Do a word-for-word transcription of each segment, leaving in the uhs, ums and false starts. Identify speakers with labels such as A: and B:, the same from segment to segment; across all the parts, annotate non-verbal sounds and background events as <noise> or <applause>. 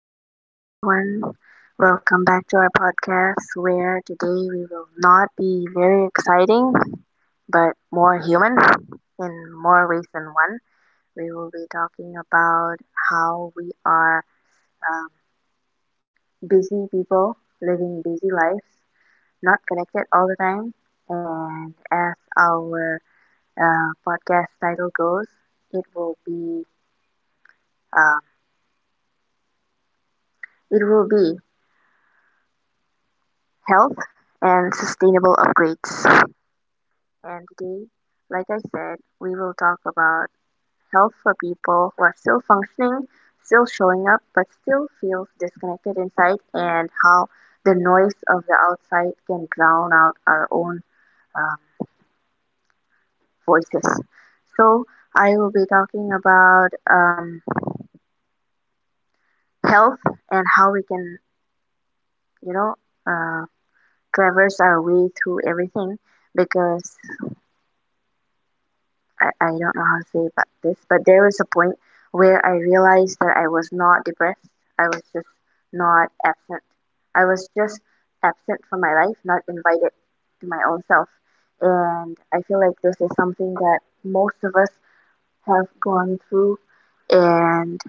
A: Hello, everyone. Welcome back to our podcast where today we will not be very exciting but more human in more ways than one. We will be talking about how we are um, busy people living busy lives, not connected all the time. And as our uh, podcast title goes, it will be um, it will be health and sustainable upgrades. And today, like I said, we will talk about health for people who are still functioning, still showing up, but still feels disconnected inside, and how the noise of the outside can drown out our own um, voices. So I will be talking about um, health and how we can, you know, uh, traverse our way through everything because I, I don't know how to say about this, but there was a point where I realized that I was not depressed. I was just not absent. I was just absent from my life, not invited to my own self. And I feel like this is something that most of us have gone through and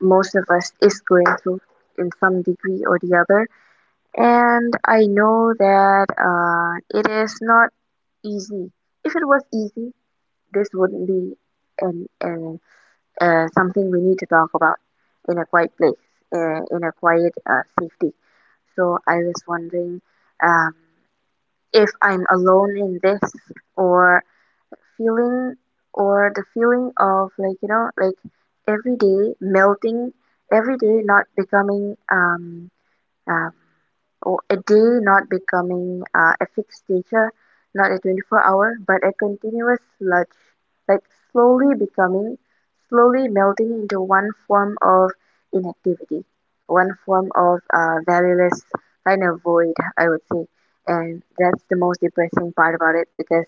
A: most of us is going through in some degree or the other. And I know that uh, it is not easy. If it was easy, this would not be an an uh, something we need to talk about in a quiet place, uh, in a quiet uh, safety. So I was wondering um, if I'm alone in this or feeling or the feeling of like you know like every day melting, every day not becoming um uh, or a day not becoming uh, a fixed teacher, not a twenty-four hour, but a continuous sludge, like slowly becoming, slowly melting into one form of inactivity, one form of uh, valueless kind of void, I would say. And that's the most depressing part about it because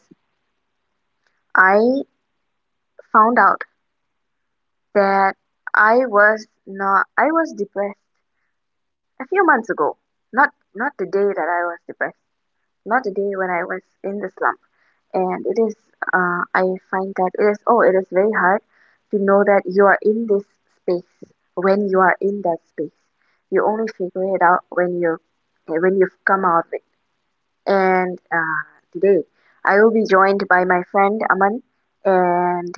A: I found out that I was not, I was depressed a few months ago, not not the day that I was depressed, not the day when I was in the slum. And it is, uh, I find that it is, oh, it is very hard to know that you are in this space when you are in that space. You only figure it out when you're, when you've come out of it. And uh, today, I will be joined by my friend Aman, and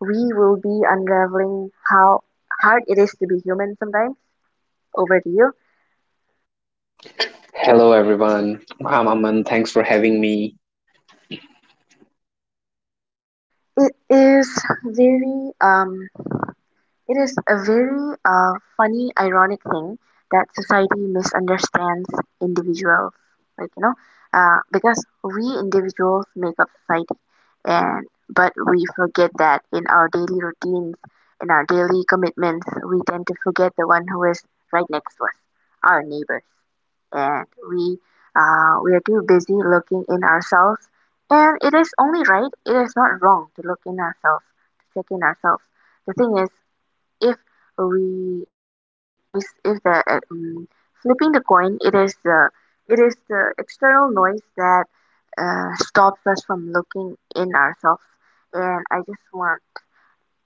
A: we will be unraveling how hard it is to be human sometimes. Over to you.
B: Hello, everyone. I'm Aman. Thanks for having me.
A: It is very um It is a very uh, funny, ironic thing that society misunderstands individuals. Like you know, uh, because we individuals make up society, and but we forget that in our daily routines, in our daily commitments, we tend to forget the one who is right next to us, our neighbors, and we uh, we are too busy looking in ourselves. And it is only right, it is not wrong to look in ourselves, to check in ourselves. The thing is, if we if the noise if the uh, mm, flipping the coin, it is the it is the external noise that uh, stops us from looking in ourselves, and I just want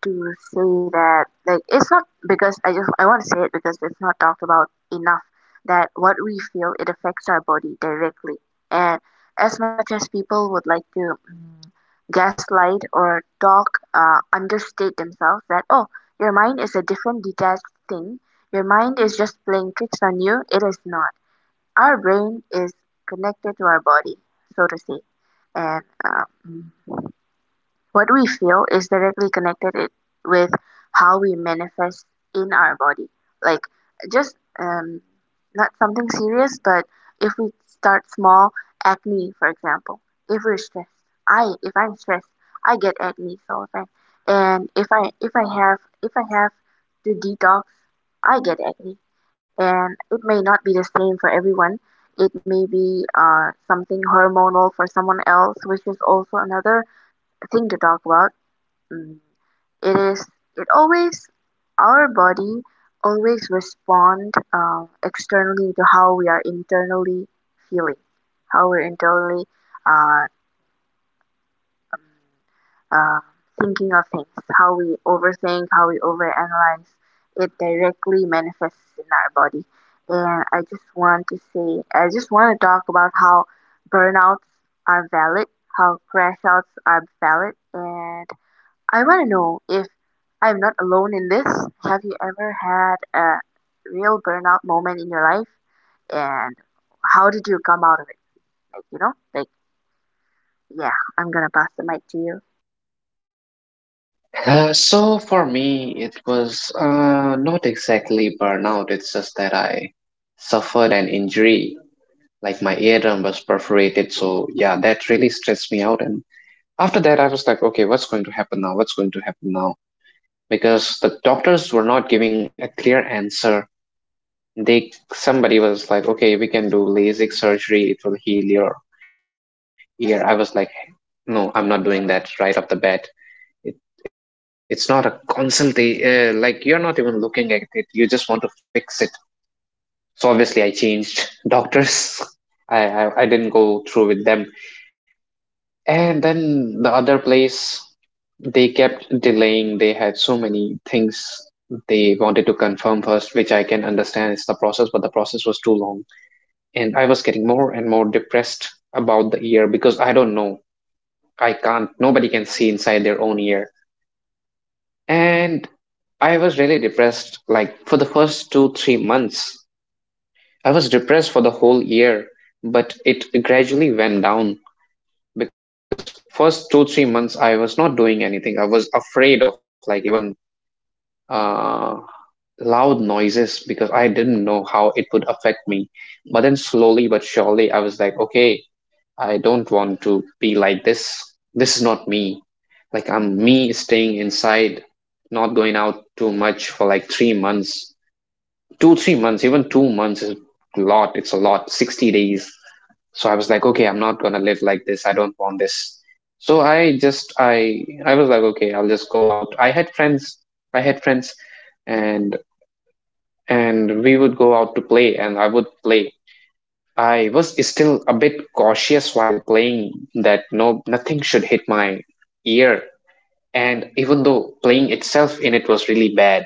A: to say that like it's not because I just I want to say it because it's not talked about enough that what we feel, it affects our body directly. And as much as people would like to mm, gaslight or talk uh, understate themselves that oh, your mind is a different detached thing, your mind is just playing tricks on you, it is not. Our brain is connected to our body, so to say. And um. What we feel is directly connected it, with how we manifest in our body. Like, just um, not something serious, but if we start small, acne, for example. If we're stressed, I if I'm stressed, I get acne so often. And if I if I have if I have to detox, I get acne. And it may not be the same for everyone. It may be uh, something hormonal for someone else, which is also another thing to talk about. Mm, It is, it always, our body always respond um, externally to how we are internally feeling, how we're internally uh, um, uh, thinking of things, how we overthink, how we overanalyze. It directly manifests in our body. And I just want to say, I just want to talk about how burnouts are valid, how crash outs are valid, and I want to know if I'm not alone in this. Have you ever had a real burnout moment in your life? And how did you come out of it? Like, you know, like, yeah, I'm gonna pass the mic to you.
B: Uh, so, for me, it was uh, not exactly burnout, it's just that I suffered an injury. Like, my eardrum was perforated. So, yeah, that really stressed me out. And after that, I was like, okay, what's going to happen now? What's going to happen now? Because the doctors were not giving a clear answer. They somebody was like, okay, we can do LASIK surgery, it will heal your ear. I was like, no, I'm not doing that right off the bat. It, it's not a consultation. Uh, like you're not even looking at it. You just want to fix it. So obviously, I changed <laughs> doctors. I, I I didn't go through with them. And then the other place, they kept delaying. They had so many things they wanted to confirm first, which I can understand is the process, but the process was too long. And I was getting more and more depressed about the ear because I don't know. I can't. Nobody can see inside their own ear. And I was really depressed, like for the first two, three months. I was depressed for the whole year, but it gradually went down because first two, three months I was not doing anything. I was afraid of like even uh, loud noises because I didn't know how it would affect me. But then slowly but surely I was like, okay, I don't want to be like this. This is not me. Like, I'm me staying inside, not going out too much for like three months. Two, three months, even two months is a lot. It's a lot, sixty days. So I was like, okay, I'm not going to live like this. I don't want this. So I just, I, I was like, okay, I'll just go out. I had friends. I had friends and, and we would go out to play and I would play. I was still a bit cautious while playing, that no nothing should hit my ear. And even though playing itself in it was really bad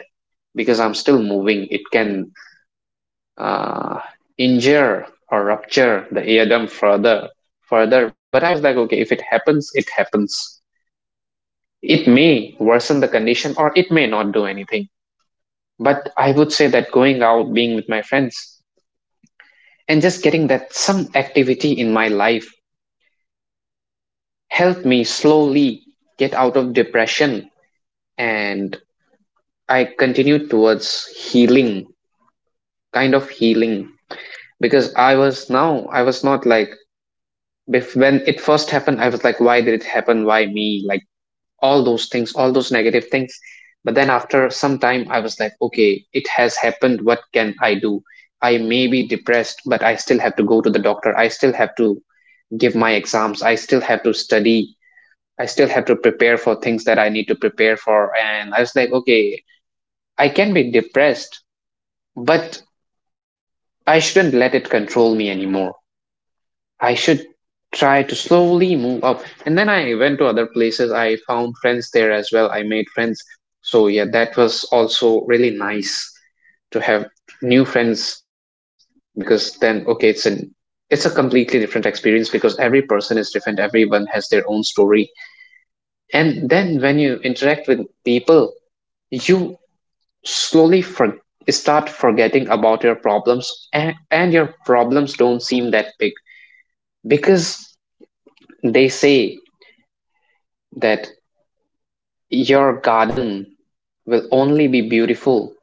B: because I'm still moving, it can uh, injure or rupture the eardrum further further but I was like, okay, if it happens, it happens. It may worsen the condition or it may not do anything. But I would say that going out, being with my friends, and just getting that some activity in my life helped me slowly get out of depression. And I continued towards healing, kind of healing, because I was now, I was not like, bef- when it first happened, I was like, why did it happen? Why me? Like all those things, all those negative things. But then after some time, I was like, okay, it has happened. What can I do? I may be depressed, but I still have to go to the doctor. I still have to give my exams. I still have to study. I still have to prepare for things that I need to prepare for. And I was like, okay, I can be depressed, but I shouldn't let it control me anymore. I should try to slowly move up. And then I went to other places. I found friends there as well. I made friends. So, yeah, that was also really nice to have new friends because then, okay, it's a it's a completely different experience because every person is different, everyone has their own story. And then when you interact with people, you slowly for, start forgetting about your problems, and, and your problems don't seem that big because they say that your garden will only be beautiful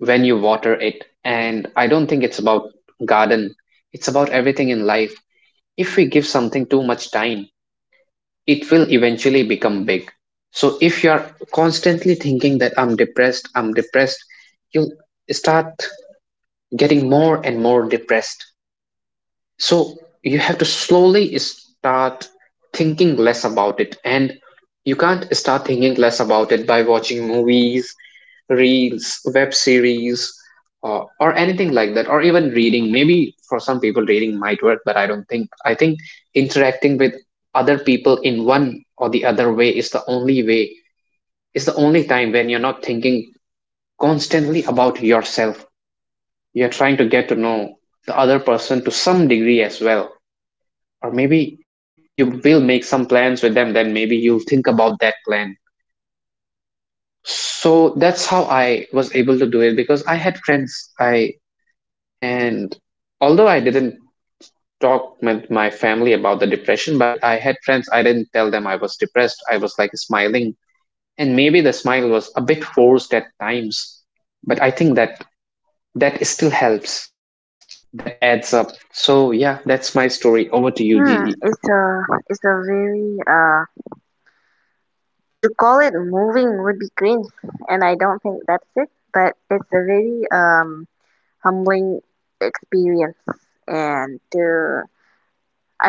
B: when you water it. And I don't think it's about garden, it's about everything in life. If we give something too much time, it will eventually become big. So if you're constantly thinking that I'm depressed, I'm depressed, you'll start getting more and more depressed. So you have to slowly start thinking less about it. And you can't start thinking less about it by watching movies, reels, web series, uh, or anything like that, or even reading. Maybe for some people, reading might work, but I don't think. I think interacting with other people in one or the other way is the only way, is the only time when you're not thinking constantly about yourself, you're trying to get to know the other person to some degree as well. Or maybe you will make some plans with them, then maybe you'll think about that plan. So that's how I was able to do it because I had friends. I and although I didn't talk with my family about the depression, but I had friends. I didn't tell them I was depressed. I was like smiling, and maybe the smile was a bit forced at times. But I think that that still helps. That adds up. So yeah, that's my story. Over to you,
A: Hmm,
B: Gigi.
A: it's a, it's a very, uh, to call it moving would be cringe, and I don't think that's it, but it's a very, um, humbling experience. And to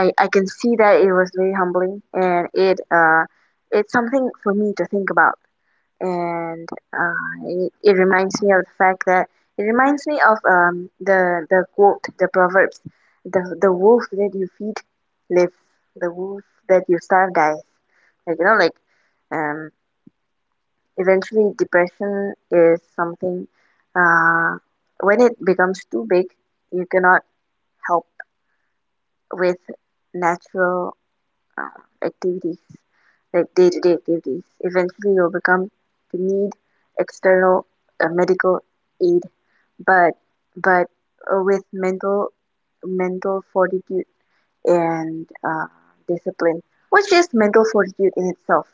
A: I I can see that it was very humbling, and it uh it's something for me to think about, and uh it it reminds me of the fact that it reminds me of um the the quote, the proverbs, the the wolf that you feed lives, the wolf that you starve dies. Like you know, like um eventually depression is something uh when it becomes too big, you cannot help with natural uh, activities, like day to day activities. Eventually, you'll become to need external uh, medical aid, but but uh, with mental mental fortitude and uh, discipline, which is mental fortitude in itself.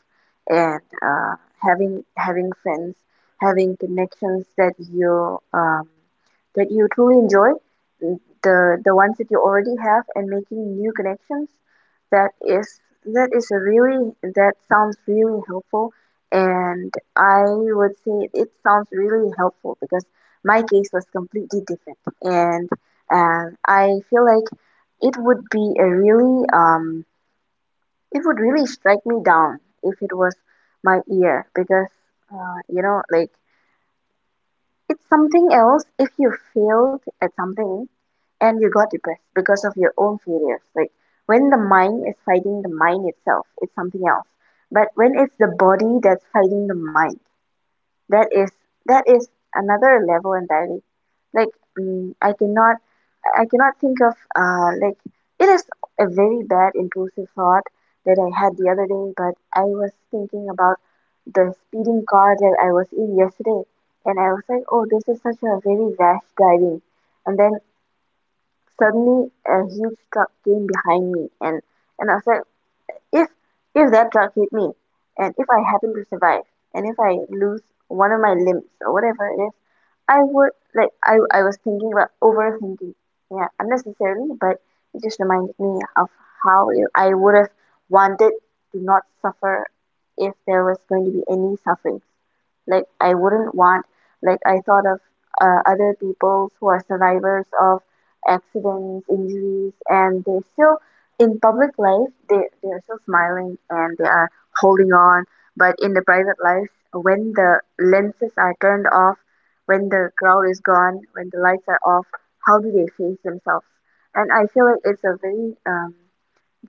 A: And uh, having having friends, having connections that you um, that you truly enjoy, the the ones that you already have, and making new connections. That is that is a really that sounds really helpful, and I would say it sounds really helpful because my case was completely different, and um, I feel like it would be a really um it would really strike me down if it was my ear because uh, you know like it's something else if you failed at something and you got depressed because of your own failures, like when the mind is fighting the mind itself, it's something else. But when it's the body that's fighting the mind, that is that is another level entirely. like mm, I cannot I cannot think of uh like it is a very bad impulsive thought that I had the other day, but I was thinking about the speeding car that I was in yesterday, and I was like oh this is such a very rash driving. And then suddenly a huge truck came behind me, and and I was like if if that drug hit me, and if I happen to survive, and if I lose one of my limbs or whatever it is, I would, like I I was thinking about overthinking. Yeah, unnecessarily, but it just reminded me of how it, I would have wanted to not suffer if there was going to be any suffering. Like I wouldn't want, like I thought of uh, other people who are survivors of accidents, injuries, and they still in public life they they are still smiling and they are holding on, but in the private life, when the lenses are turned off, when the crowd is gone, when the lights are off, how do they face themselves? And I feel like it's a very um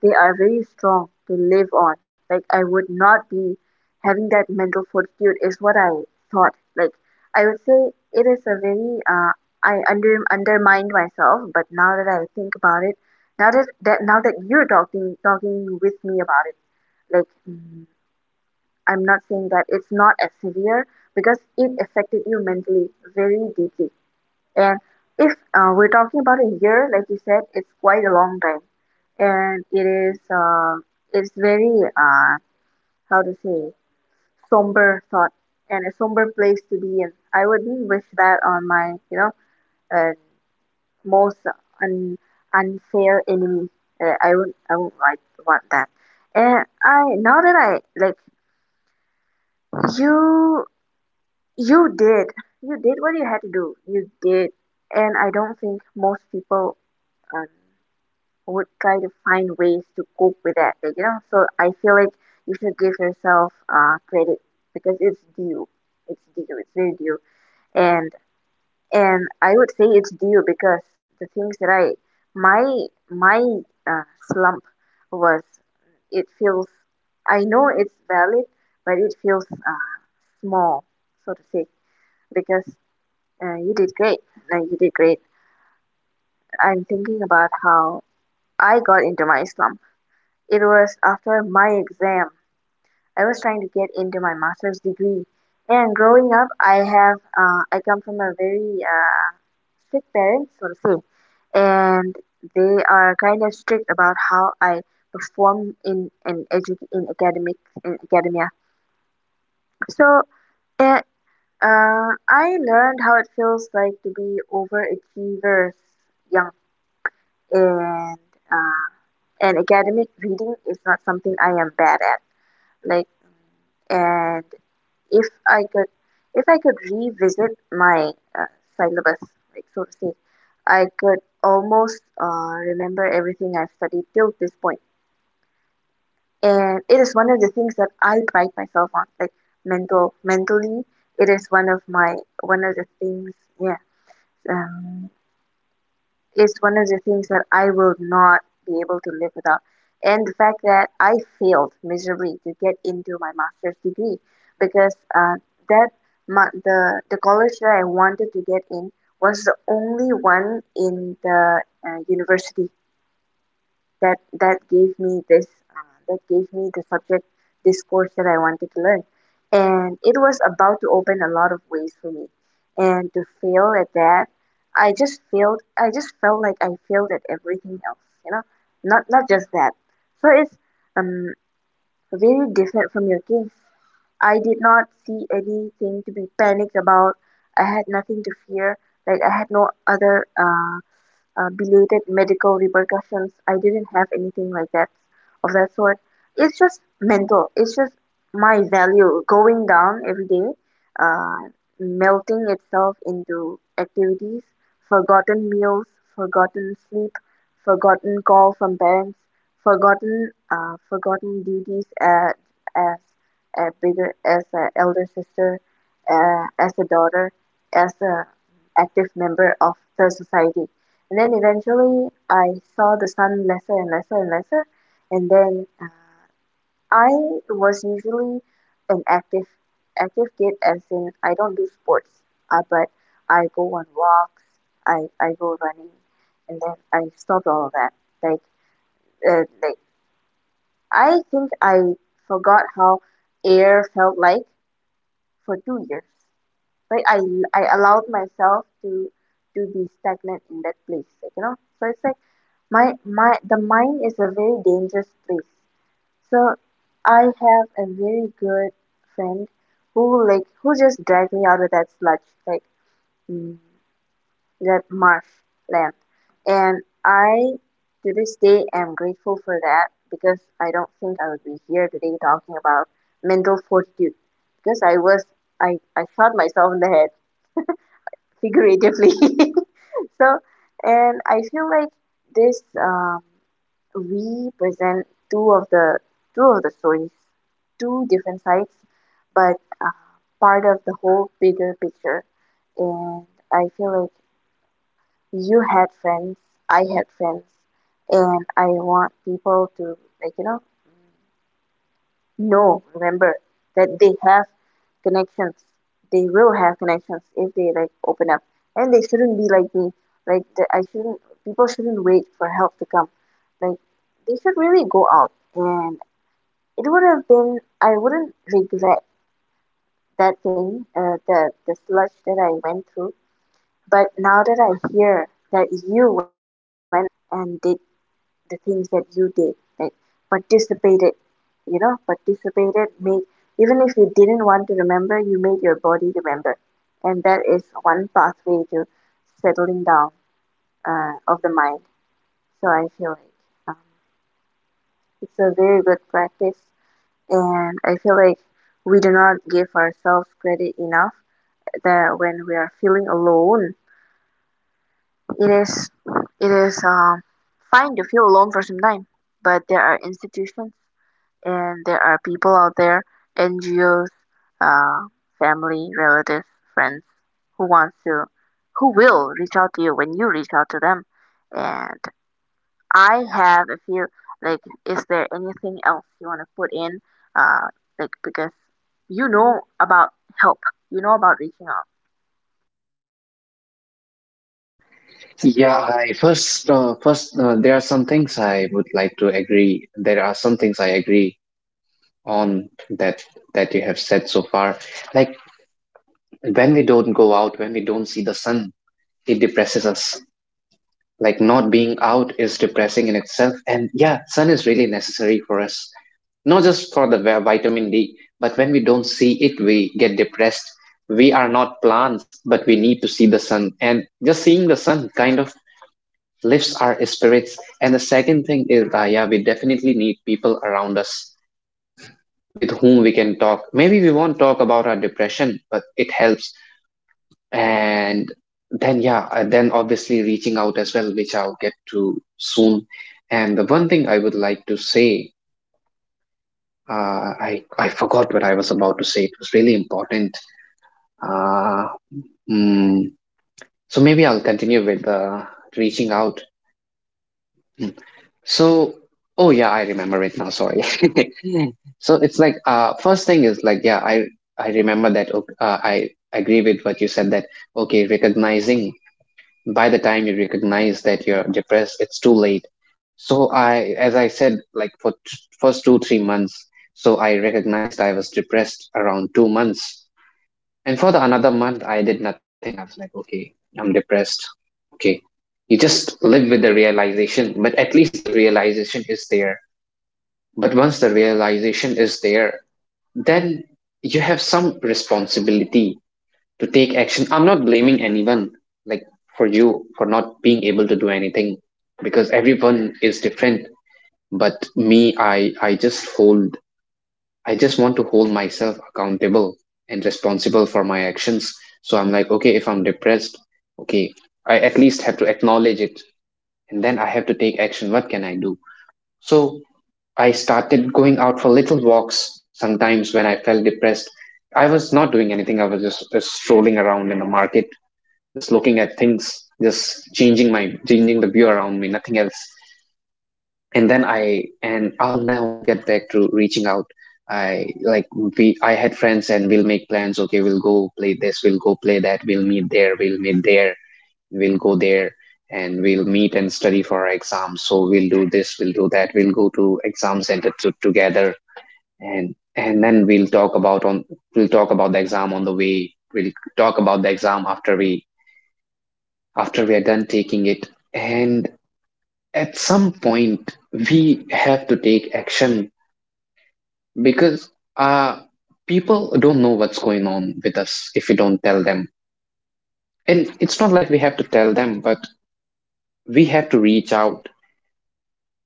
A: they are very strong to live on. Like I would not be having that mental fortitude is what I thought. Like I would say it is a very uh, I under undermined myself, but now that I think about it, now that, that now that you're talking talking with me about it, like mm, I'm not saying that it's not as severe because it affected you mentally very deeply. And if uh, we're talking about a year, like you said, it's quite a long time, and it is uh, it's very uh, how to say, somber thought and a somber place to be in. I wouldn't wish that on my you know uh, most un- unfair enemy. Uh, I would I would like want that. And I now that I, like you you did, you did what you had to do. You did, and I don't think most people. Um, would try to find ways to cope with that, like, you know so I feel like you should give yourself uh credit because it's due, it's due it's very due. and and I would say it's due because the things that I my my uh, slump was, it feels, I know it's valid, but it feels uh, small, so to say, because uh, you did great uh, you did great. I'm thinking about how I got into my slump. It was after my exam. I was trying to get into my master's degree. And growing up, I have uh, I come from a very uh, strict parents, so to say, and they are kind of strict about how I perform in an edu- in academic, in academia. So it, uh, I learned how it feels like to be overachievers young, and uh, and academic reading is not something I am bad at. Like and If I could if I could revisit my uh, syllabus, like so to say, I could almost uh, remember everything I've studied till this point. And it is one of the things that I pride myself on, like mental mentally. It is one of my one of the things, yeah, um, is one of the things that I will not be able to live without. And the fact that I failed miserably to get into my master's degree because uh, that ma- the the college that I wanted to get in was the only one in the uh, university that that gave me this uh, that gave me the subject, this course that I wanted to learn, and it was about to open a lot of ways for me. And to fail at that, I just failed I just felt like I failed at everything else you know not not just that. So it's um very different from your case. I did not see anything to be panicked about. I had nothing to fear. Like, I had no other uh uh, belated medical repercussions. I didn't have anything like that, of that sort. It's just mental. It's just my value going down every day, uh, melting itself into activities, forgotten meals, forgotten sleep, forgotten call from parents, forgotten uh, forgotten duties as as a bigger as an elder sister, uh, as a daughter, as a active member of the society. And then eventually, I saw the sun lesser and lesser and lesser. And then uh, I was usually an active active kid, as in I don't do sports, uh, but I go on walks, I I go running, and then I stopped all of that. Like uh, like I think I forgot how air felt like for two years. Like I I allowed myself to to be stagnant in that place, like, you know. So it's like my my the mind is a very dangerous place. So I have a very good friend who like who just dragged me out of that sludge, like, mm, that marsh land and I, to this day, am grateful for that, because I don't think I would be here today talking about mental fortitude, because I was i i shot myself in the head, figuratively. <laughs> So, and I feel like this um, we present two of the two of the stories, two different sides, but uh, part of the whole bigger picture. And I feel like you had friends, I had friends, and I want people to, like, you know, no, remember that they have connections. They will have connections if they like open up. And they shouldn't be like me. Like the, I shouldn't people shouldn't wait for help to come. Like, they should really go out. And it would have been I wouldn't regret that thing, uh, the the sludge that I went through. But now that I hear that you went out and did the things that you did, like participated, you know, participated, made, even if you didn't want to remember, you made your body remember, and that is one pathway to settling down, uh, of the mind. So I feel like, um, it's a very good practice. And I feel like we do not give ourselves credit enough that when we are feeling alone, it is it is um, fine to feel alone for some time. But there are institutions and there are people out there, N G Os, uh, family, relatives, friends, who wants to, who will reach out to you when you reach out to them. And I have a few. Like, is there anything else you want to put in? Uh, like, because you know about help, you know about reaching out.
B: Yeah, I first, uh, first, uh, there are some things I would like to agree. There are some things I agree on that that you have said so far. Like when we don't go out, when we don't see the sun, it depresses us. Like not being out is depressing in itself. And yeah, sun is really necessary for us, not just for the vi- vitamin D, but when we don't see it, we get depressed. We are not plants, but we need to see the sun. And just seeing the sun kind of lifts our spirits. And the second thing is, uh, yeah, we definitely need people around us with whom we can talk. Maybe we won't talk about our depression, but it helps. And then, yeah, uh, then obviously reaching out as well, which I'll get to soon. And the one thing I would like to say. Uh, I I forgot what I was about to say. It was really important. Uh, mm, so maybe I'll continue with uh, reaching out. Mm. So oh yeah, I remember it now. Sorry. <laughs> So it's like uh, first thing is like yeah, I I remember that. ok- Uh, I agree with what you said that okay, recognizing by the time you recognize that you're depressed, it's too late. So I, as I said, like for t- first two three months, so I recognized I was depressed around two months. And for the another month, I did nothing. I was like, okay, I'm depressed. Okay. You just live with the realization, but at least the realization is there. But once the realization is there, then you have some responsibility to take action. I'm not blaming anyone, like for you, for not being able to do anything because everyone is different. But me, I, I just hold I just want to hold myself accountable and responsible for my actions. So I'm like, okay, if I'm depressed, okay, I at least have to acknowledge it and then I have to take action. What can I do? So I started going out for little walks sometimes when I felt depressed. I was not doing anything, I was just, just strolling around in the market, just looking at things, just changing my changing the view around me, nothing else. And then i and I'll now get back to reaching out. I like we i had friends and we'll make plans, okay, we'll go play this, we'll go play that, we'll meet there, we'll meet there, we'll go there, and we'll meet and study for our exams. So we'll do this, we'll do that, we'll go to exam center to, together. And and then we'll talk about on we'll talk about the exam on the way, we'll talk about the exam after we after we are done taking it. And at some point we have to take action because uh people don't know what's going on with us if we don't tell them. And it's not like we have to tell them, but we have to reach out,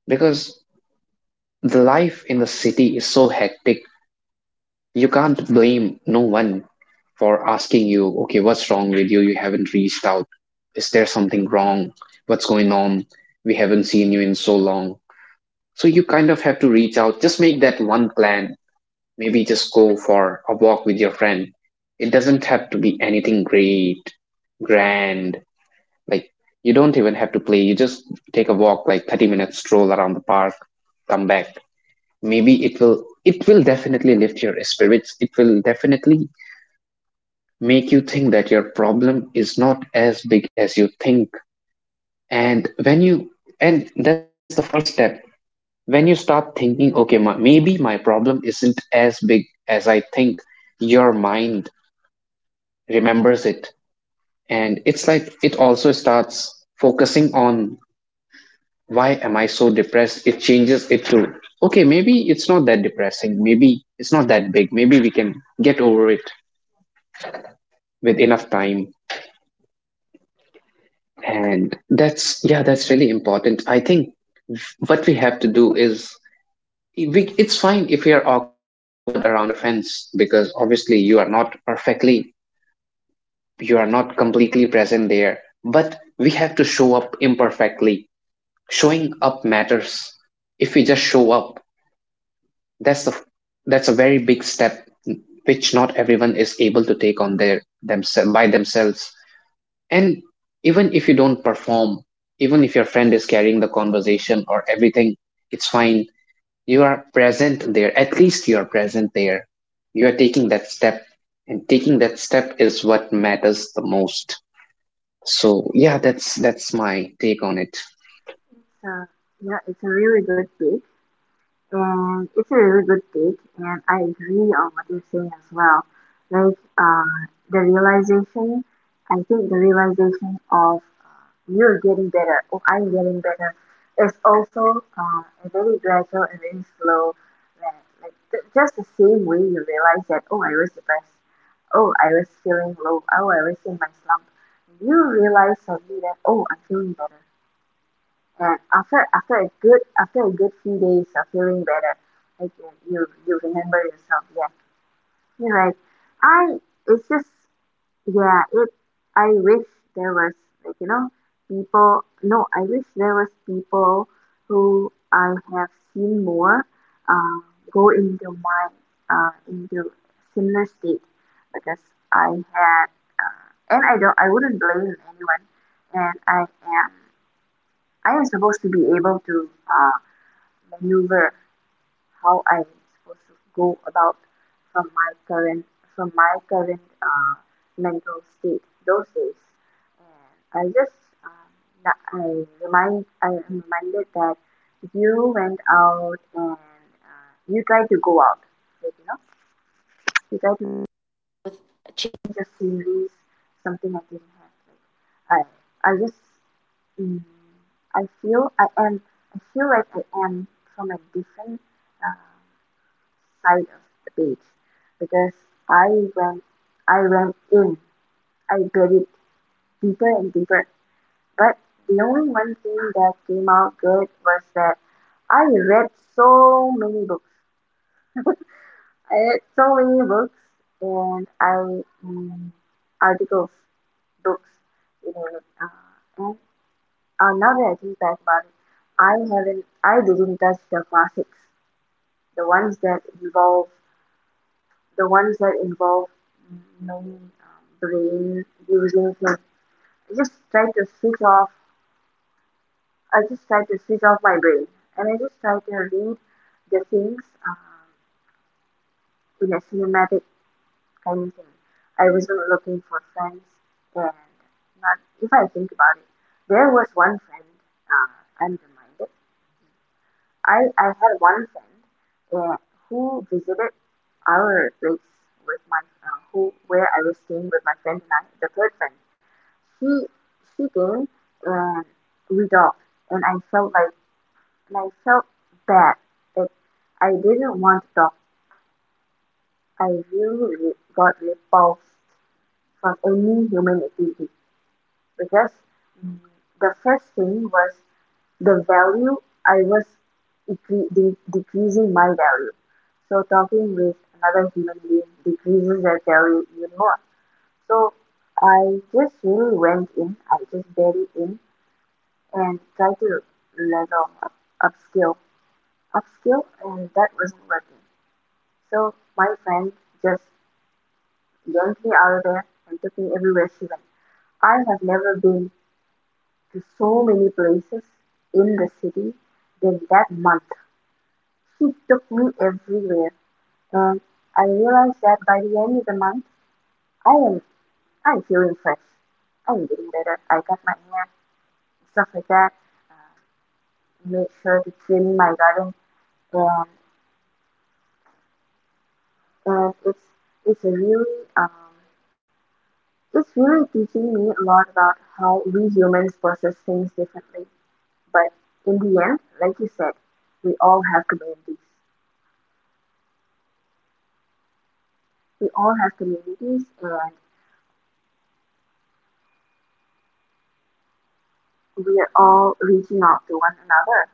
B: because the life in the city is so hectic. You can't blame no one for asking you, okay, what's wrong with you, you haven't reached out, is there something wrong, what's going on, we haven't seen you in so long. So you kind of have to reach out, just make that one plan, maybe just go for a walk with your friend. It doesn't have to be anything great, grand. Like, you don't even have to play. You just take a walk, like thirty minutes stroll around the park, come back. Maybe it will, it will definitely lift your spirits. It will definitely make you think that your problem is not as big as you think. And when you and that's the first step. When you start thinking, okay, my, maybe my problem isn't as big as I think, your mind remembers it, and it's like it also starts focusing on, why am I so depressed? It changes it to, okay, maybe it's not that depressing, maybe it's not that big, maybe we can get over it with enough time. And that's, yeah, that's really important. I think what we have to do is, we, it's fine if you're awkward around your friends because obviously you are not perfectly, you are not completely present there, but we have to show up imperfectly. Showing up matters. If we just show up, that's a that's a very big step, which not everyone is able to take on their themselves by themselves. And even if you don't perform, even if your friend is carrying the conversation or everything, it's fine. You are present there. At least you are present there. You are taking that step, and taking that step is what matters the most. So yeah, that's that's my take on it.
A: So yeah, it's a really good book. And it's a really good take, and I agree on what you're saying as well. Like uh, the realization, I think the realization of you're getting better or I'm getting better is also uh, a very gradual and very slow. Like, like th- just the same way you realize that, oh, I was depressed, oh, I was feeling low, oh, I was in my slump. You realize suddenly that, oh, I'm feeling better, and after after a good after a good few days of feeling better, like you you you remember yourself. Yeah, you're right. I it's just, yeah, it I wish there was, like, you know, people, no I wish there was people who I have seen more uh, go into my uh, into similar state. Because I had, uh, and I don't, I wouldn't blame anyone. And i am I am supposed to be able to uh, maneuver how I'm supposed to go about from my current from my current uh, mental state those days. And I just um, na- I remind I am reminded that you went out and, uh, you tried to go out, like, you know, you tried to just sceneries, something I didn't have. Like I I just, mm, I feel I am, I feel like I am from a different um, side of the beach, because I went I went in, I buried deeper and deeper. But the only one thing that came out good was that I read so many books. <laughs> I read so many books and I mm, articles, books, you know, like uh, and uh, now that I think back about it, I haven't I didn't touch the classics, the ones that involve the ones that involve many um, brain using things. I just try to switch off, I just try to switch off my brain, and I just try to read the things um, in a cinematic kind of thing. I wasn't looking for friends. And not, if I think about it, there was one friend, uh, I'm reminded I I had one friend, uh, who visited our place with my, uh, who where I was staying with my friend and I, the third friend. She she came, and we talked, and I felt like felt bad that I didn't want to talk. I really re- got repulsed from any human activity, because mm, the first thing was the value. I was decre~ de~ decreasing my value, so talking with another human being decreases their value even more. So I just really went in, I just buried in, and tried to level up, upskill upskill, and that wasn't working. So my friend just yanked me out of there and took me everywhere she went. I have never been to so many places in the city than that month. She took me everywhere. Um, I realized that by the end of the month, I am I'm feeling fresh. I'm getting better. I cut my hair, stuff like that. Uh, made sure to trim my garden, and and it's it's a really um it's really teaching me a lot about how we humans process things differently. But in the end, like you said, we all have communities. We all have communities, and we are all reaching out to one another.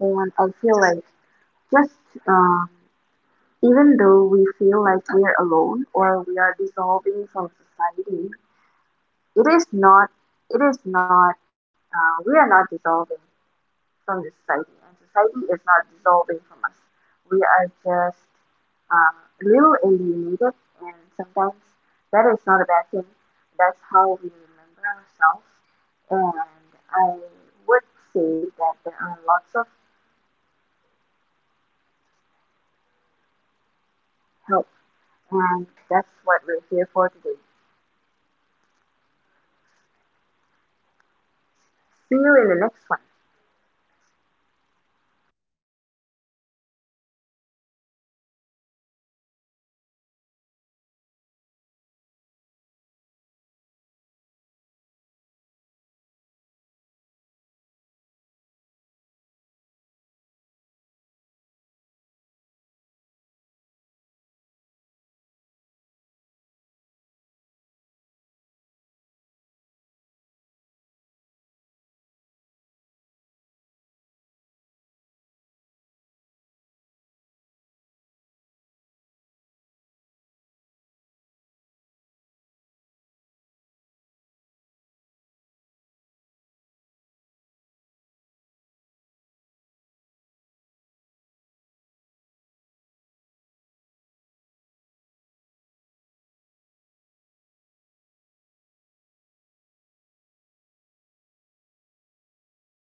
A: And I feel like just um even though we feel like we are alone or we are dissolving from society, it is not, it is not, uh, we are not dissolving from the society, and society is not dissolving from us. We are just um, a little alienated, and sometimes that is not a bad thing. That's how we remember ourselves. And I would just help. And that's for today. See you in the next one.